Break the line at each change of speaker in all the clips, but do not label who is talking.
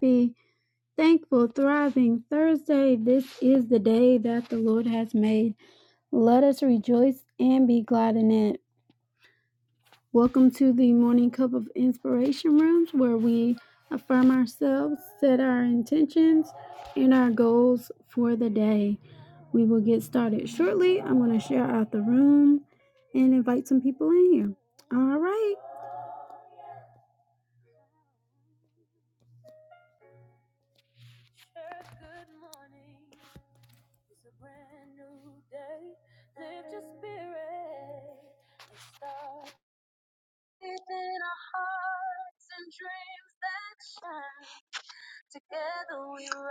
Be thankful, thriving Thursday. This is the day that the Lord has made. Let us rejoice and be glad in it. Welcome to the Morning Cup of Inspiration Rooms, where we affirm ourselves, set our intentions, and our goals for the day. We will get started shortly. I'm going to share out the room and invite some people in here. All right.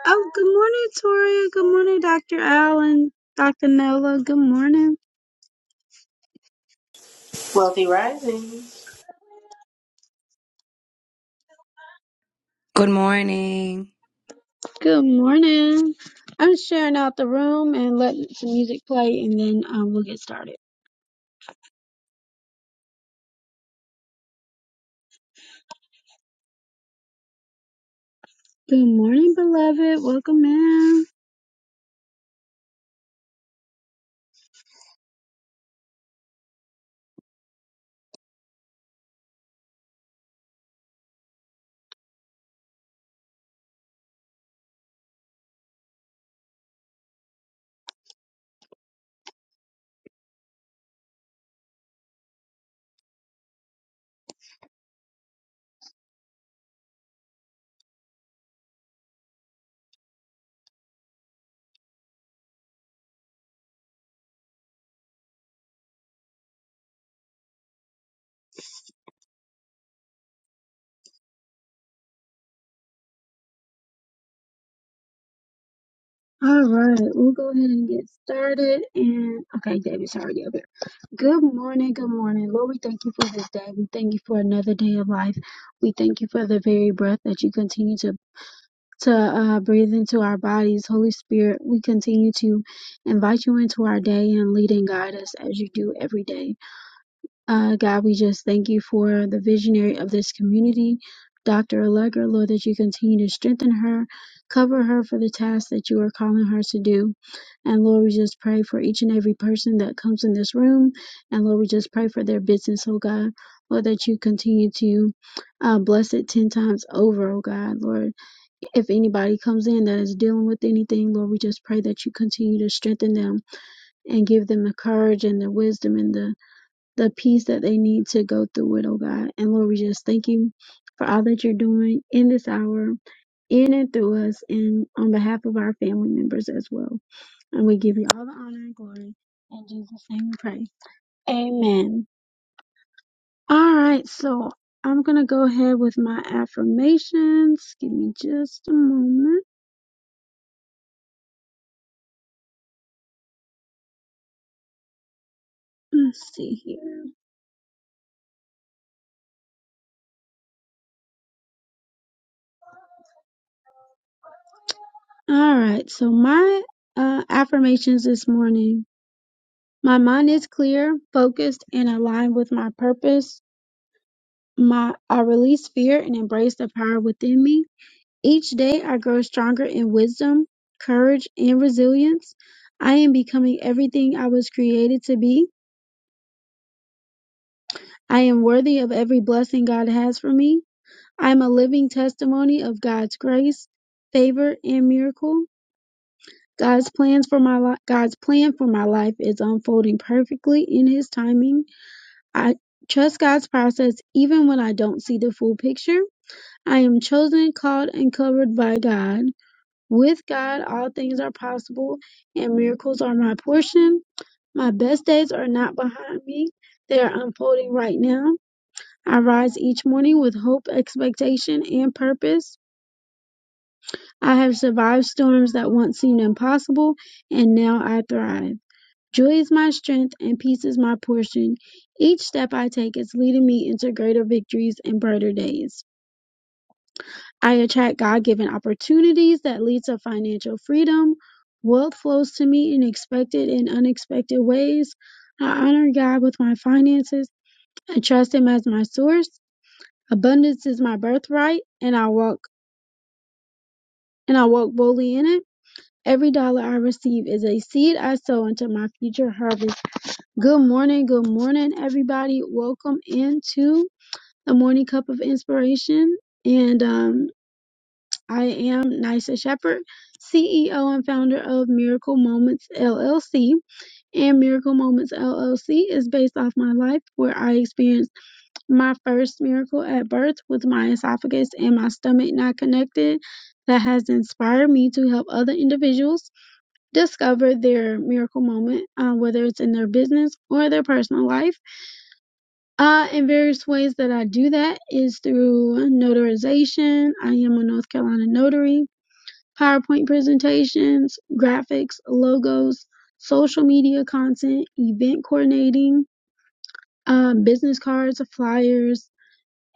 Oh, good morning, Toria. Good morning, Dr. Allen, Dr. Nola. Good morning.
Wealthy Rising.
Good morning.
Good morning. I'm sharing out the room and letting some music play, and then um, we'll get started. Good morning, beloved. Welcome in. All right, we'll go ahead and get started. And okay, David's already up here. Good morning, good morning. Lord, we thank you for this day. We thank you for another day of life. We thank you for the very breath that you continue to to uh, breathe into our bodies. Holy Spirit, we continue to invite you into our day and lead and guide us as you do every day. Uh, God, we just thank you for the visionary of this community, Dr. Allegra, Lord, that you continue to strengthen her, cover her for the task that you are calling her to do. And Lord, we just pray for each and every person that comes in this room. And Lord, we just pray for their business, oh God. Lord, that you continue to uh, bless it 10 times over, oh God. Lord, if anybody comes in that is dealing with anything, Lord, we just pray that you continue to strengthen them and give them the courage and the wisdom and the the peace that they need to go through it, oh God. And Lord, we just thank you for all that you're doing in this hour, in and through us, and on behalf of our family members as well. And we give you all the honor and glory. In Jesus' name we pray. Amen. All right, so I'm going to go ahead with my affirmations. Give me just a moment. Let's see here. All right, so my uh, affirmations this morning. My mind is clear, focused, and aligned with my purpose. My, I release fear and embrace the power within me. Each day I grow stronger in wisdom, courage, and resilience. I am becoming everything I was created to be. I am worthy of every blessing God has for me. I am a living testimony of God's grace, favor, and miracle. God's plans for my li- God's plan for my life is unfolding perfectly in his timing. I trust God's process even when I don't see the full picture. I am chosen, called, and covered by God. With God, all things are possible, and miracles are my portion. My best days are not behind me, they are unfolding right now. I rise each morning with hope, expectation, and purpose. I have survived storms that once seemed impossible, and now I thrive. Joy is my strength, and peace is my portion. Each step I take is leading me into greater victories and brighter days. I attract God-given opportunities that lead to financial freedom. Wealth flows to me in expected and unexpected ways. I honor God with my finances. I trust him as my source. Abundance is my birthright and I walk and I walk boldly in it. Every dollar I receive is a seed I sow into my future harvest. Good morning, good morning everybody. Welcome into the Morning Cup of Inspiration. And um I am Nysa Shepherd, CEO and founder of Miracle Moments LLC. And Miracle Moments LLC is based off my life where I experienced my first miracle at birth with my esophagus and my stomach not connected. That has inspired me to help other individuals discover their miracle moment, uh, whether it's in their business or their personal life. Uh, and various ways that I do that is through notarization. I am a North Carolina notary PowerPoint presentations, graphics, logos, social media content, event coordinating, um, business cards, flyers,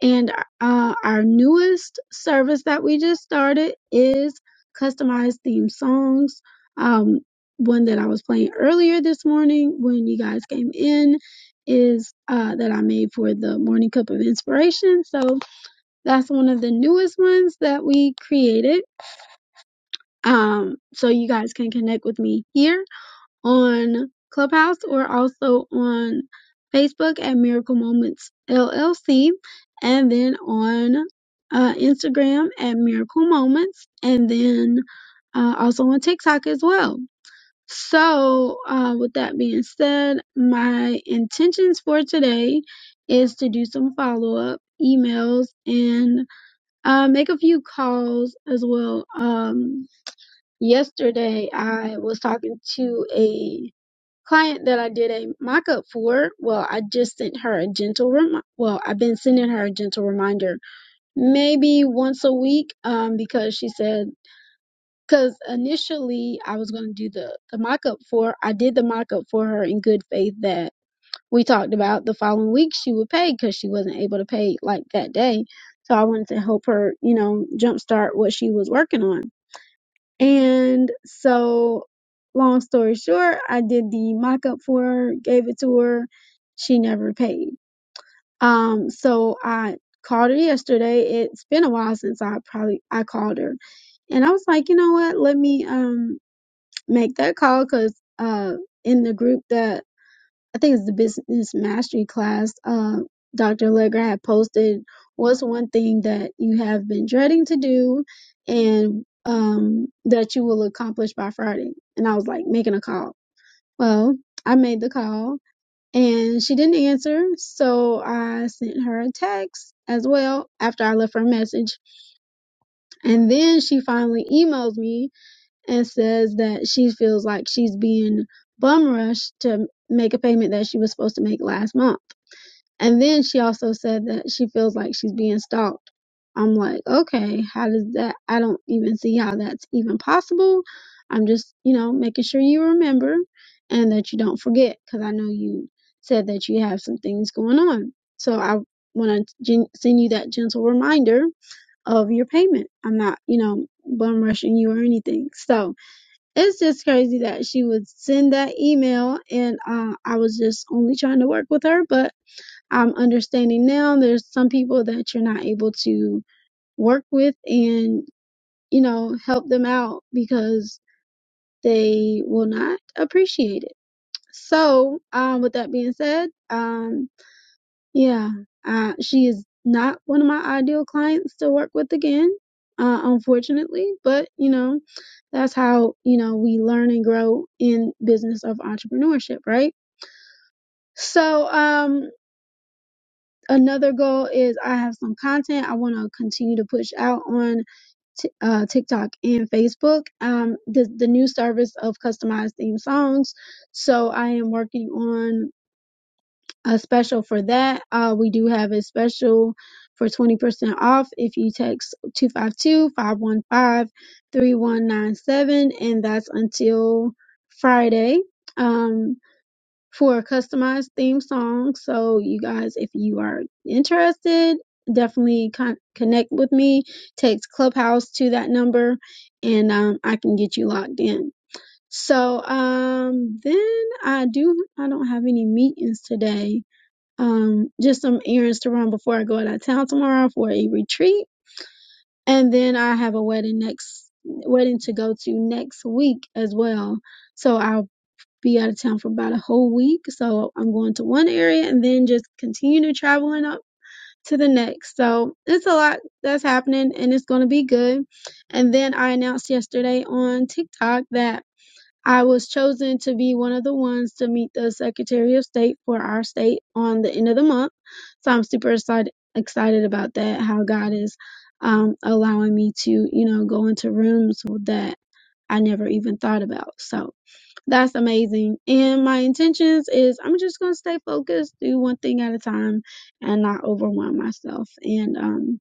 and uh, our newest service that we just started is customized theme songs. Um, one that I was playing earlier this morning when you guys came in is uh, that I made for the Morning Cup of Inspiration. So that's one of the newest ones that we created um, so you guys can connect with me here on Clubhouse or also on Facebook at Miracle Moments LLC, and then on uh, Instagram at Miracle Moments, and then uh, also on TikTok as well. So, uh, with that being said, my intentions for today is to do some follow up emails and uh, make a few calls as well. Um, yesterday I was talking to a client that I did a mock up for. Well, I just sent her a gentle reminder. Well, I've been sending her a gentle reminder maybe once a week um, because she said, because initially I was going to do the, the mock up for, I did the mock up for her in good faith that we talked about the following week she would pay because she wasn't able to pay like that day. So I wanted to help her, you know, jumpstart what she was working on. And so, long story short, I did the mock up for her, gave it to her. She never paid. Um, so I called her yesterday. It's been a while since I probably I called her, and I was like, you know what? Let me um make that call because uh in the group that I think it's the business mastery class. Uh, Dr. Legger had posted what's one thing that you have been dreading to do and um, that you will accomplish by Friday. And I was like, making a call. Well, I made the call and she didn't answer. So I sent her a text as well after I left her a message. And then she finally emails me and says that she feels like she's being bum rushed to make a payment that she was supposed to make last month. And then she also said that she feels like she's being stalked. I'm like, okay, how does that? I don't even see how that's even possible. I'm just, you know, making sure you remember and that you don't forget because I know you said that you have some things going on. So I want to gen- send you that gentle reminder of your payment. I'm not, you know, bum rushing you or anything. So it's just crazy that she would send that email and uh, I was just only trying to work with her, but I'm understanding now there's some people that you're not able to work with and, you know, help them out because they will not appreciate it. So, um, with that being said, um, yeah, uh, she is not one of my ideal clients to work with again, uh, unfortunately, but, you know, that's how, you know, we learn and grow in business of entrepreneurship, right? So, um. another goal is I have some content I want to continue to push out on t- uh, TikTok and Facebook. Um, the the new service of customized theme songs. So I am working on a special for that. Uh, we do have a special for 20% off if you text two five two five one five three one nine seven, and that's until Friday. Um, for a customized theme song. So, you guys, if you are interested, definitely con- connect with me. Text Clubhouse to that number, and um, I can get you locked in. So, um, then I do. I don't have any meetings today. Um, just some errands to run before I go out of town tomorrow for a retreat, and then I have a wedding next wedding to go to next week as well. So I'll be out of town for about a whole week. So I'm going to one area and then just continue to traveling up to the next. So it's a lot that's happening and it's going to be good. And then I announced yesterday on TikTok that I was chosen to be one of the ones to meet the Secretary of State for our state on the end of the month. So I'm super excited excited about that how God is um allowing me to, you know, go into rooms that I never even thought about. So that's amazing. And my intentions is I'm just gonna stay focused, do one thing at a time, and not overwhelm myself, and um,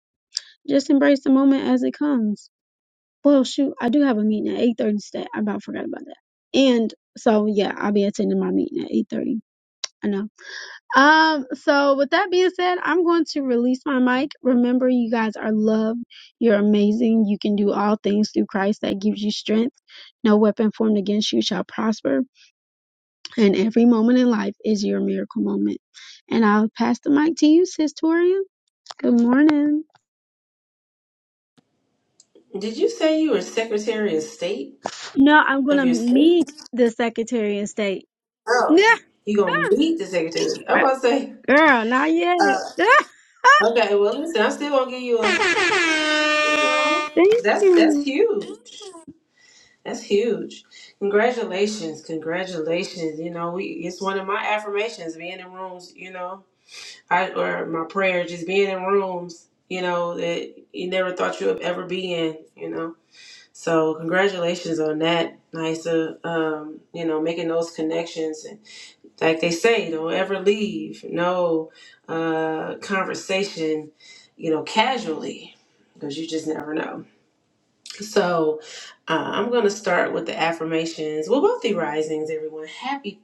just embrace the moment as it comes. Well, shoot, I do have a meeting at 8:30 today. I about forgot about that. And so yeah, I'll be attending my meeting at 8:30. I know. Um, so with that being said, I'm going to release my mic. Remember, you guys are loved. You're amazing. You can do all things through Christ that gives you strength. No weapon formed against you shall prosper. And every moment in life is your miracle moment. And I'll pass the mic to you, Sis Toria. Good morning.
Did you say you were Secretary of State
No, I'm
of
gonna
your state?
meet the Secretary of State.
Oh,
Yeah,
you gonna meet the Secretary? I'm
I-
about to say.
girl, not yet.
Uh,
Yeah,
okay, well listen, I'm still gonna give you a.
thank
That's that's
you.
huge. That's huge. Congratulations, congratulations. You know, we it's one of my affirmations. Being in rooms, you know, I or my prayer, just being in rooms, you know, that you never thought you would ever be in. You know. So congratulations on that, Nisa. Um, you know, making those connections and like they say, don't ever leave no uh, conversation, you know, casually because you just never know. So uh, I'm going to start with the affirmations. Well, wealthy risings, everyone. Happy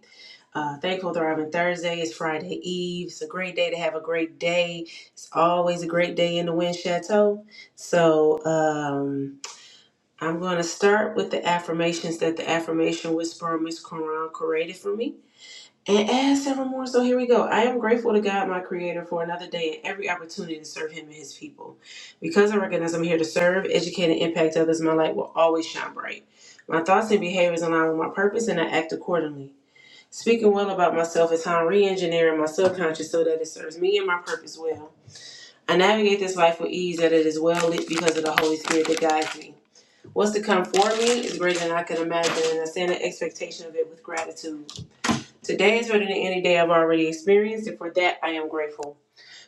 uh, thankful Thriving Thursday. It's Friday Eve. It's a great day to have a great day. It's always a great day in the Wind Chateau. So, um, I'm going to start with the affirmations that the affirmation whisperer, Miss Quran, created for me. And add several more. So here we go. I am grateful to God, my Creator, for another day and every opportunity to serve Him and His people. Because I recognize I'm here to serve, educate, and impact others, my light will always shine bright. My thoughts and behaviors align with my purpose, and I act accordingly. Speaking well about myself is how I'm re engineering my subconscious so that it serves me and my purpose well. I navigate this life with ease, that it is well lit because of the Holy Spirit that guides me. What's to come for me is greater than I could imagine, and I stand in expectation of it with gratitude. Today is better than any day I've already experienced, and for that I am grateful.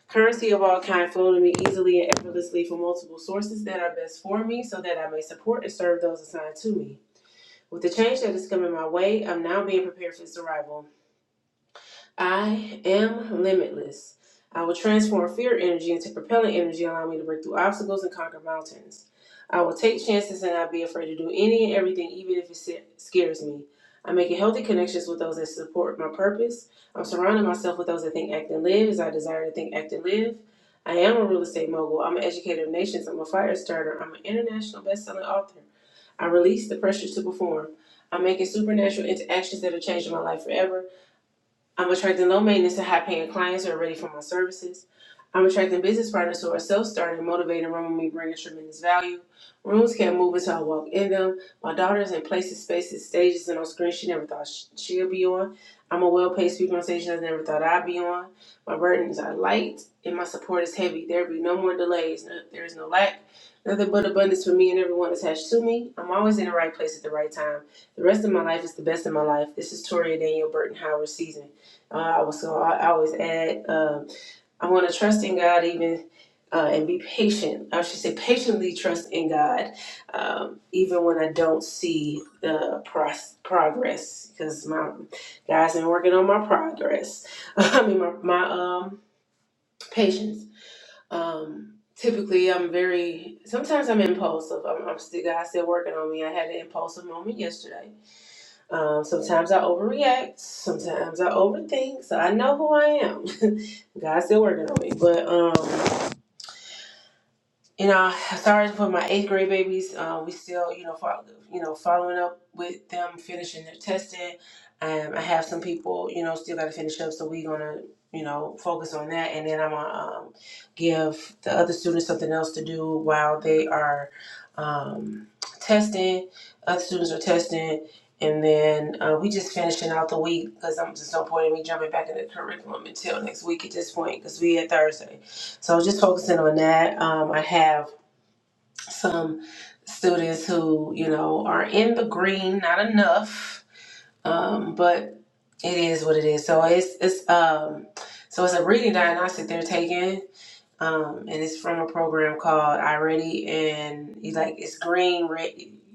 Currency of all kind flow to me easily and effortlessly from multiple sources that are best for me, so that I may support and serve those assigned to me. With the change that is coming my way, I'm now being prepared for its arrival. I am limitless. I will transform fear energy into propelling energy, allowing me to break through obstacles and conquer mountains. I will take chances and not be afraid to do any and everything, even if it sa- scares me. I'm making healthy connections with those that support my purpose. I'm surrounding myself with those that think, act, and live as I desire to think, act, and live. I am a real estate mogul. I'm an educator of nations. I'm a fire starter. I'm an international best-selling author. I release the pressure to perform. I'm making supernatural interactions that are changing my life forever. I'm attracting low maintenance and high paying clients who are ready for my services. I'm attracting business partners who are self starting, motivated, room with me, bringing tremendous value. Rooms can't move until I walk in them. My daughter is in places, spaces, stages, and on screens she never thought sh- she'd be on. I'm a well paid speaker on stages I never thought I'd be on. My burdens are light and my support is heavy. There be no more delays. No, there is no lack. Nothing but abundance for me and everyone attached to me. I'm always in the right place at the right time. The rest of my life is the best of my life. This is Toria Daniel Burton Howard season. Uh, I was so I, I always add, um, I want to trust in God even uh, and be patient. I should say patiently trust in God, um, even when I don't see the pros- progress, because my God's been working on my progress. I mean, my, my um, patience. Um, typically, I'm very. Sometimes I'm impulsive. I'm, I'm still God's still working on me. I had an impulsive moment yesterday um, sometimes I overreact. Sometimes I overthink. So I know who I am. God's still working on me. But um, you know, sorry for my eighth grade babies. Uh, we still, you know, follow, you know, following up with them finishing their testing. Um, I have some people, you know, still got to finish up, so we're gonna, you know, focus on that, and then I'm gonna um, give the other students something else to do while they are um, testing. Other students are testing, and then uh, we just finishing out the week because I'm just no point in me jumping back into the curriculum until next week at this point because we at Thursday. So I was just focusing on that. Um, I have some students who, you know, are in the green, not enough, um, but it is what it is. So it's it's um, so it's a reading diagnostic they're taking, um, and it's from a program called I Ready, and he's like, it's green, red,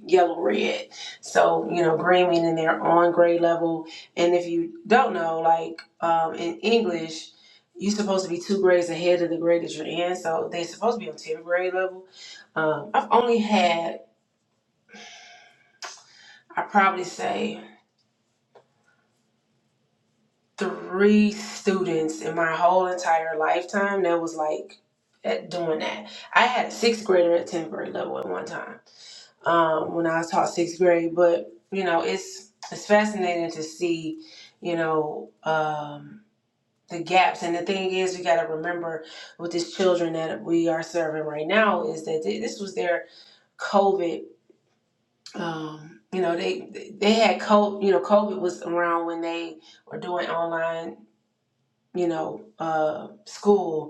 yellow, red. So you know, green meaning they're on grade level, and if you don't know, like um, in English, you're supposed to be two grades ahead of the grade that you're in, so they're supposed to be on tenth grade level. Um, I've only had, I probably say, three students in my whole entire lifetime that was like at doing that. I had a sixth grader at tenth grade level at one time um, when I taught sixth grade. But you know, it's it's fascinating to see, you know, um, the gaps. And the thing is, we got to remember with these children that we are serving right now is that they, this was their COVID. Um, you know, they they had COVID. You know, COVID was around when they were doing online. You know, uh, school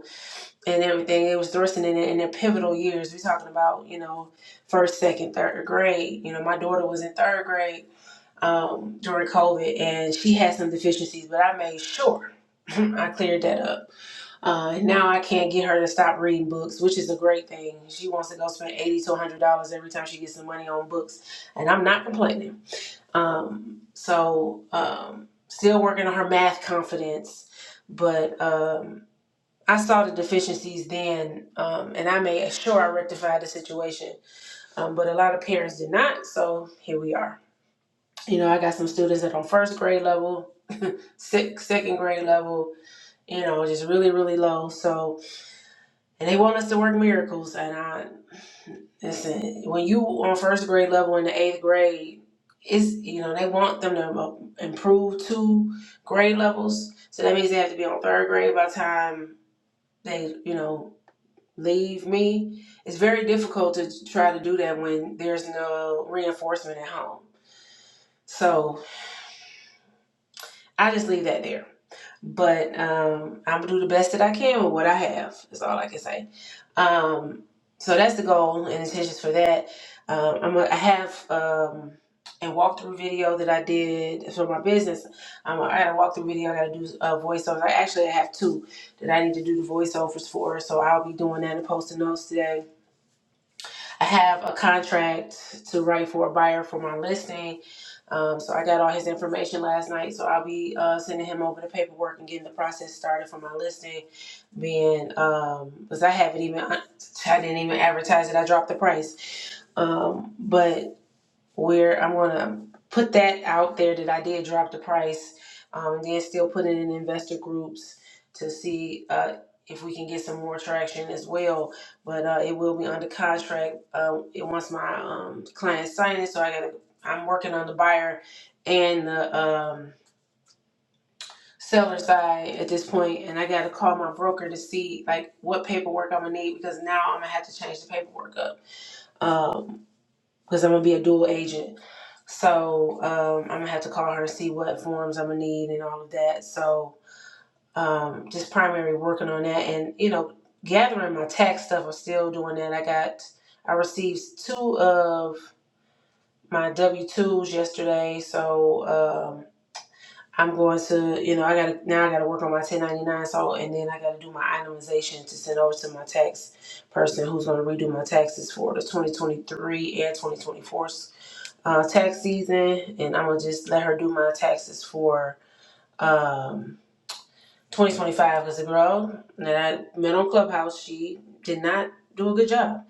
and everything. It was thrusting in, in their pivotal years. We're talking about, you know, first, second, third grade. You know, my daughter was in third grade um, during COVID and she had some deficiencies, but I made sure I cleared that up. Uh, and now I can't get her to stop reading books, which is a great thing. She wants to go spend eighty to a hundred dollars every time she gets some money on books, and I'm not complaining. Um, so um, still working on her math confidence, but. um, I saw the deficiencies then, um, and I made sure I rectified the situation. Um, but a lot of parents did not, so here we are. You know, I got some students that on first grade level, sec- second grade level, you know, just really, really low. So, and they want us to work miracles. And I listen, when you on first grade level in the eighth grade, it's you know they want them to mo- improve two grade levels. So that means they have to be on third grade by the time they, you know, leave me. It's very difficult to try to do that when there's no reinforcement at home. So I just leave that there. But um, I'm gonna do the best that I can with what I have. Is all I can say. Um, so that's the goal and intentions for that. Um, I'm gonna, I have um, a walkthrough video that I did for my business. Um, I had a walkthrough video. I got to do uh, voiceovers. I actually have two that I need to do the voiceovers for. So I'll be doing that and posting those today I have a contract to write for a buyer for my listing. Um, so I got all his information last night. So I'll be uh, sending him over the paperwork and getting the process started for my listing. Being, um, because I haven't even, I didn't even advertise it. I dropped the price. Um, but where I'm gonna put that out there that I did drop the price, um, and then still put it in investor groups to see uh, if we can get some more traction as well. But uh, it will be under contract uh, it- once my um, clients sign it. So I got I'm working on the buyer and the um, seller side at this point, and I gotta call my broker to see like what paperwork I'm gonna need because now I'm gonna have to change the paperwork up Um, because I'm gonna be a dual agent. So um, I'm gonna have to call her and see what forms I'm gonna need and all of that. So um, just primary working on that and you know gathering my tax stuff. I'm still doing that. I got I received two of my W twos yesterday. So um, I'm going to you know I got now I got to work on my 1099. So and then I got to do my itemization to send over to my tax person who's gonna redo my taxes for the 2023 and 2024 uh, tax season, and I'm gonna just let her do my taxes for um, 2025 because the girl that I met on Clubhouse, she did not do a good job.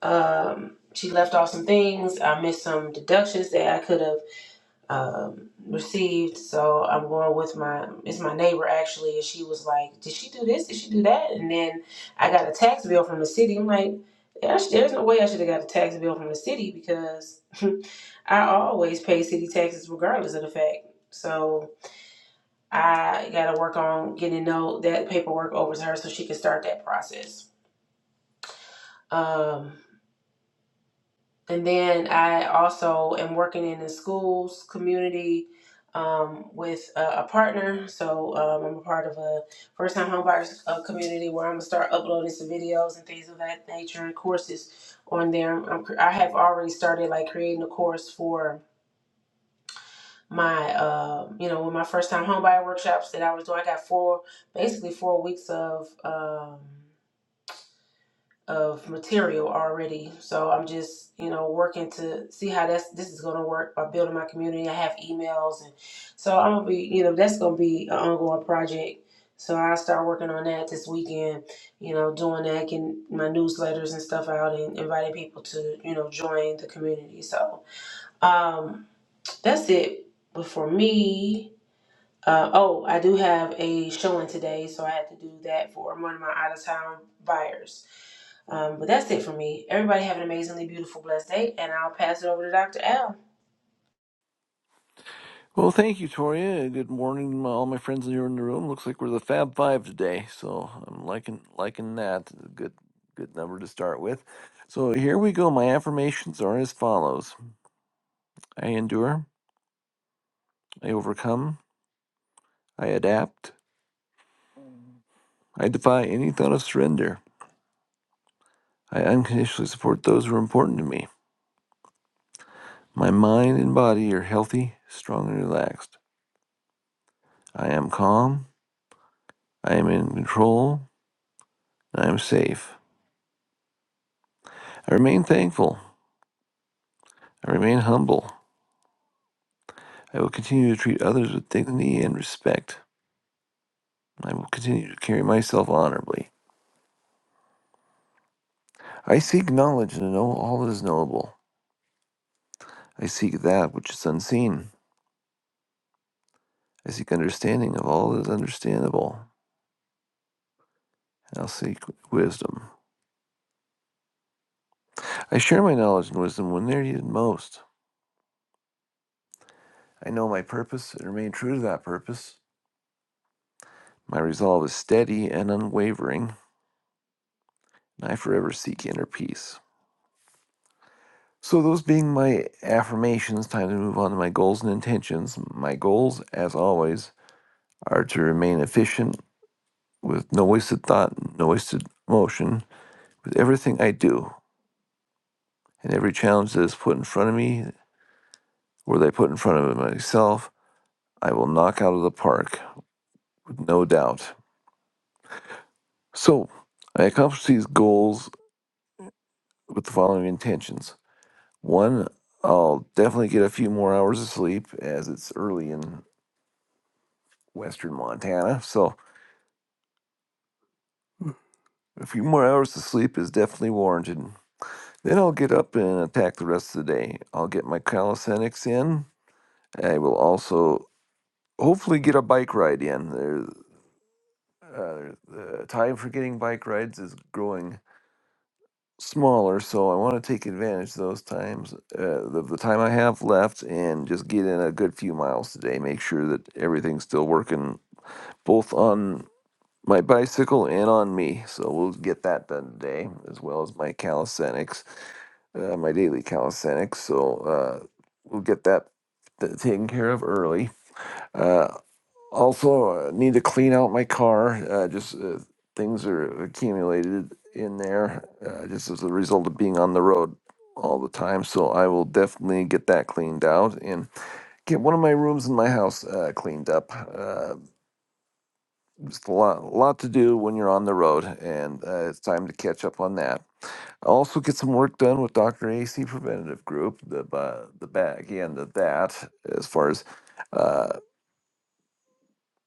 Um, she left off some things. I missed some deductions that I could have um, received. So I'm going with my it's my neighbor actually, and she was like, "Did she do this? Did she do that?" And then I got a tax bill from the city. I'm like, "There's there's no way I should have got a tax bill from the city because I always pay city taxes regardless of the fact." So I got to work on getting to know that paperwork over to her so she can start that process. Um, And then I also am working in the schools community um, with a, a partner. So um, I'm a part of a first time homebuyers uh, community where I'm gonna start uploading some videos and things of that nature and courses on there. I'm, I'm I have already started like creating a course for my uh, you know with my first time homebuyer workshops that I was doing. I got four basically four weeks of. Um, of material already. So I'm just, you know, working to see how that's this is gonna work by building my community. I have emails and so I'm gonna be, you know, that's gonna be an ongoing project. So I'll start working on that this weekend, you know, doing that, getting my newsletters and stuff out and inviting people to, you know, join the community. So um that's it. But for me, uh, oh, I do have a showing today, so I had to do that for one of my out of town buyers. Um, but that's it for me. Everybody have an amazingly beautiful, blessed day, and I'll pass it over to Dr. L.
Well, thank you, Toria. Good morning, all my friends here in the room. Looks like we're the Fab Five today, so I'm liking liking that. Good, good number to start with. So here we go. My affirmations are as follows: I endure, I overcome, I adapt, I defy any thought of surrender. I unconditionally support those who are important to me. My mind and body are healthy, strong, and relaxed. I am calm. I am in control. I am safe. I remain thankful. I remain humble. I will continue to treat others with dignity and respect. I will continue to carry myself honorably. I seek knowledge and to know all that is knowable. I seek that which is unseen. I seek understanding of all that is understandable. And I'll seek wisdom. I share my knowledge and wisdom when they're needed most. I know my purpose and remain true to that purpose. My resolve is steady and unwavering, and I forever seek inner peace. So, those being my affirmations, time to move on to my goals and intentions. My goals, as always, are to remain efficient with no wasted thought, no wasted motion, with everything I do and every challenge that is put in front of me or that I put in front of myself, I will knock out of the park with no doubt. So I accomplish these goals with the following intentions. One, I'll definitely get a few more hours of sleep as it's early in western Montana. So a few more hours of sleep is definitely warranted. Then I'll get up and attack the rest of the day. I'll get my calisthenics in I will also hopefully get a bike ride in. There, uh, the time for getting bike rides is growing smaller, so I want to take advantage of those times, uh, the, the time I have left, and just get in a good few miles today. Make sure that everything's still working, both on my bicycle and on me. So we'll get that done today, as well as my calisthenics, uh, my daily calisthenics. So uh, we'll get that th- taken care of early. Uh, Also, uh, need to clean out my car. Uh, just uh, things are accumulated in there uh, just as a result of being on the road all the time. So I will definitely get that cleaned out and get one of my rooms in my house uh, cleaned up. Uh, just a lot, lot to do when you're on the road, and uh, it's time to catch up on that. I'll also get some work done with Dr. AC Preventative Group, the, ba- the back end of that, as far as. uh,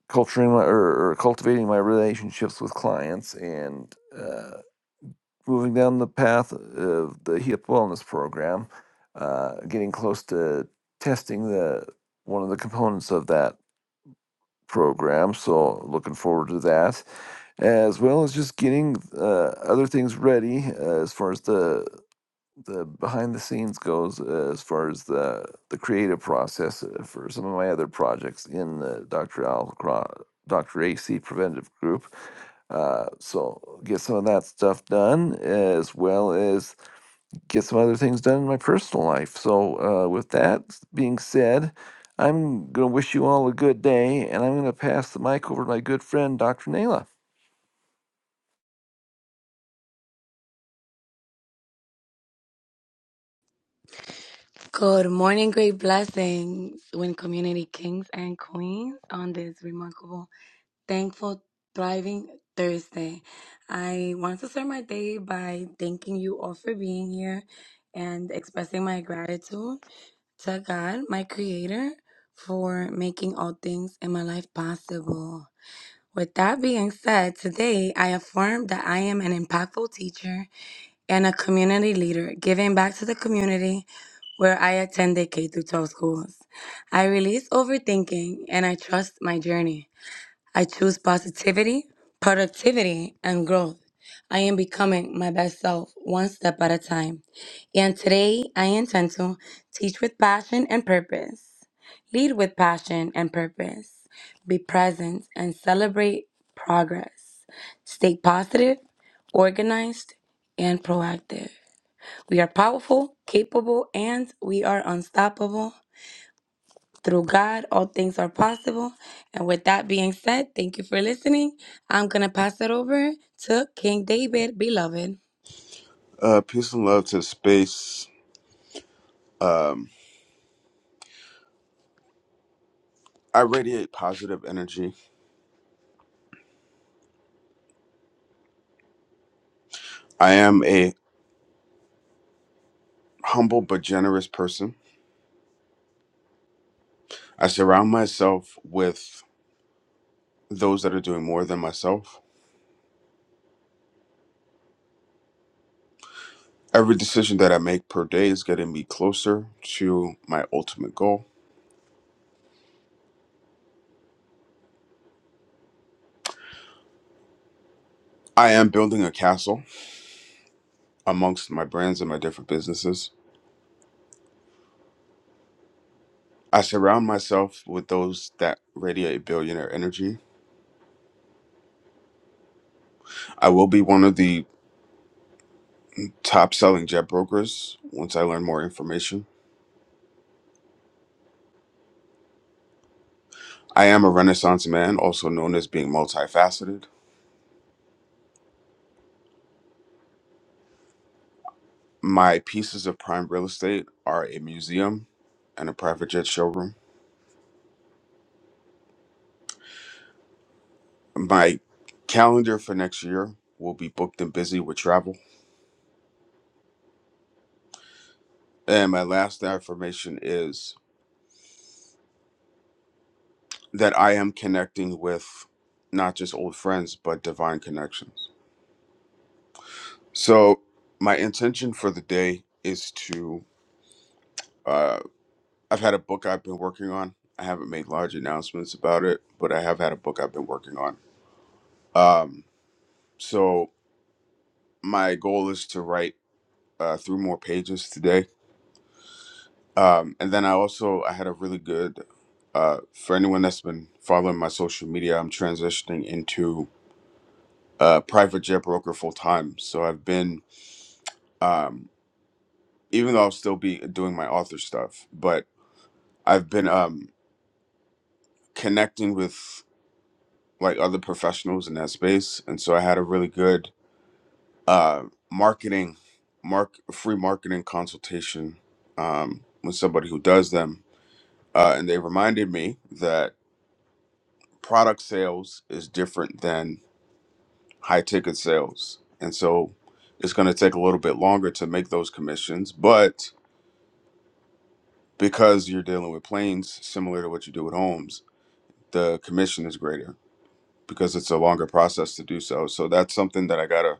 culturing my or, or cultivating my relationships with clients and uh, moving down the path of the HIP wellness program, uh, getting close to testing the one of the components of that program. So looking forward to that, as well as just getting uh, other things ready uh, as far as the the behind the scenes goes uh, as far as the the creative process uh, for some of my other projects in the Dr. Al Cro- Dr. AC Preventative Group. Uh, so get some of that stuff done as well as get some other things done in my personal life. So uh, with that being said, I'm going to wish you all a good day and I'm going to pass the mic over to my good friend Dr. Nayla.
Good morning. Great blessings, Win Community Kings and Queens, on this remarkable, thankful, thriving Thursday. I want to start my day by thanking you all for being here and expressing my gratitude to God, my creator, for making all things in my life possible. With that being said, today I affirm that I am an impactful teacher and a community leader, giving back to the community where I attended K through 12 schools. I release overthinking and I trust my journey. I choose positivity, productivity, and growth. I am becoming my best self one step at a time. And today I intend to teach with passion and purpose, lead with passion and purpose, be present and celebrate progress. Stay positive, organized, and proactive. We are powerful, capable, and we are unstoppable. Through God, all things are possible. And with that being said, thank you for listening. I'm going to pass it over to King David, beloved.
Uh, peace and love to space. Um, I radiate positive energy. I am a humble but generous person. I surround myself with those that are doing more than myself. Every decision that I make per day is getting me closer to my ultimate goal. I am building a castle amongst my brands and my different businesses. I surround myself with those that radiate billionaire energy. I will be one of the top selling jet brokers once I learn more information. I am a Renaissance man, also known as being multifaceted. My pieces of prime real estate are a museum and a private jet showroom. My calendar for next year will be booked and busy with travel. And my last affirmation is that I am connecting with not just old friends, but divine connections. So, my intention for the day is to. Uh, I've had a book I've been working on. I haven't made large announcements about it, but I have had a book I've been working on Um, so my goal is to write uh, through more pages today. Um, and then I also I had a really good uh, for anyone that's been following my social media. I'm transitioning into a private jet broker full time. So I've been um, even though I'll still be doing my author stuff, but I've been um, connecting with like other professionals in that space. And so I had a really good uh, marketing, mark free marketing consultation um, with somebody who does them, uh, and they reminded me that product sales is different than high ticket sales, and so it's going to take a little bit longer to make those commissions, but because you're dealing with planes similar to what you do with homes, the commission is greater because it's a longer process to do so. So that's something that I gotta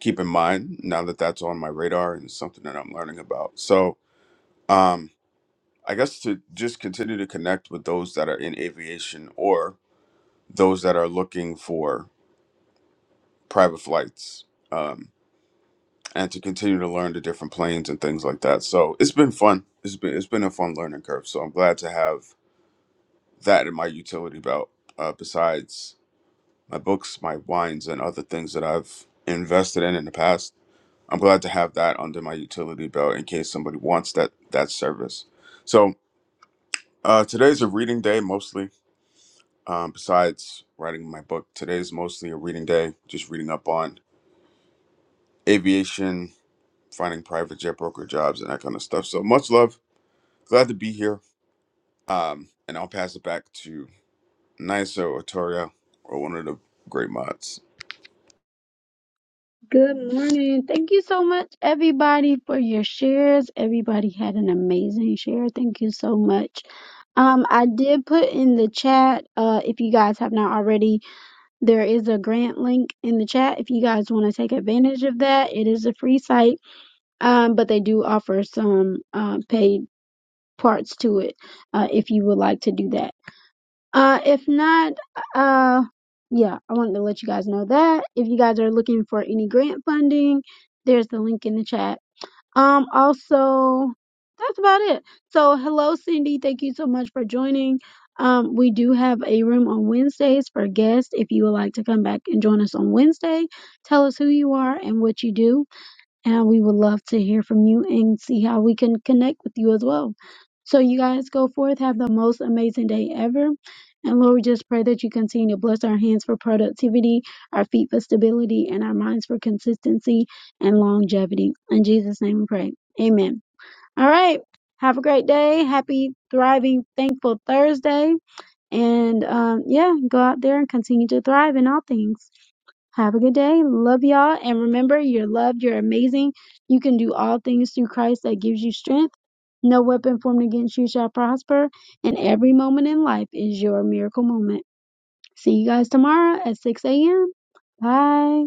keep in mind now that that's on my radar and something that I'm learning about. So, um, I guess to just continue to connect with those that are in aviation or those that are looking for private flights, um, and to continue to learn the different planes and things like that. So it's been fun. It's been it's been a fun learning curve. So I'm glad to have that in my utility belt. Uh, besides my books, my wines, and other things that I've invested in in the past, I'm glad to have that under my utility belt in case somebody wants that that service. So uh, today's a reading day mostly Um, besides writing my book, today is mostly a reading day, just reading up on aviation, finding private jet broker jobs, and that kind of stuff. So much love. Glad to be here. Um, and I'll pass it back to Niso or Toria or one of the great mods.
Good morning. Thank you so much, everybody, for your shares. Everybody had an amazing share. Thank you so much. Um, I did put in the chat, uh, if you guys have not already, There is a grant link in the chat if you guys want to take advantage of that. It is a free site, um, but they do offer some uh, paid parts to it uh, if you would like to do that. Uh, if not, uh, yeah, I wanted to let you guys know that. If you guys are looking for any grant funding, there's the link in the chat um, also, that's about it. So, hello, Cindy. Thank you so much for joining. Um, we do have a room on Wednesdays for guests. If you would like to come back and join us on Wednesday, tell us who you are and what you do and we would love to hear from you and see how we can connect with you as well. So, you guys go forth, have the most amazing day ever. And Lord, we just pray that you continue to bless our hands for productivity, our feet for stability, and our minds for consistency and longevity. In Jesus' name we pray. Amen. All right. Have a great day. Happy, thriving, thankful Thursday. And um, yeah, go out there and continue to thrive in all things. Have a good day. Love y'all. And remember, you're loved. You're amazing. You can do all things through Christ that gives you strength. No weapon formed against you shall prosper. And every moment in life is your miracle moment. See you guys tomorrow at 6 a.m. Bye.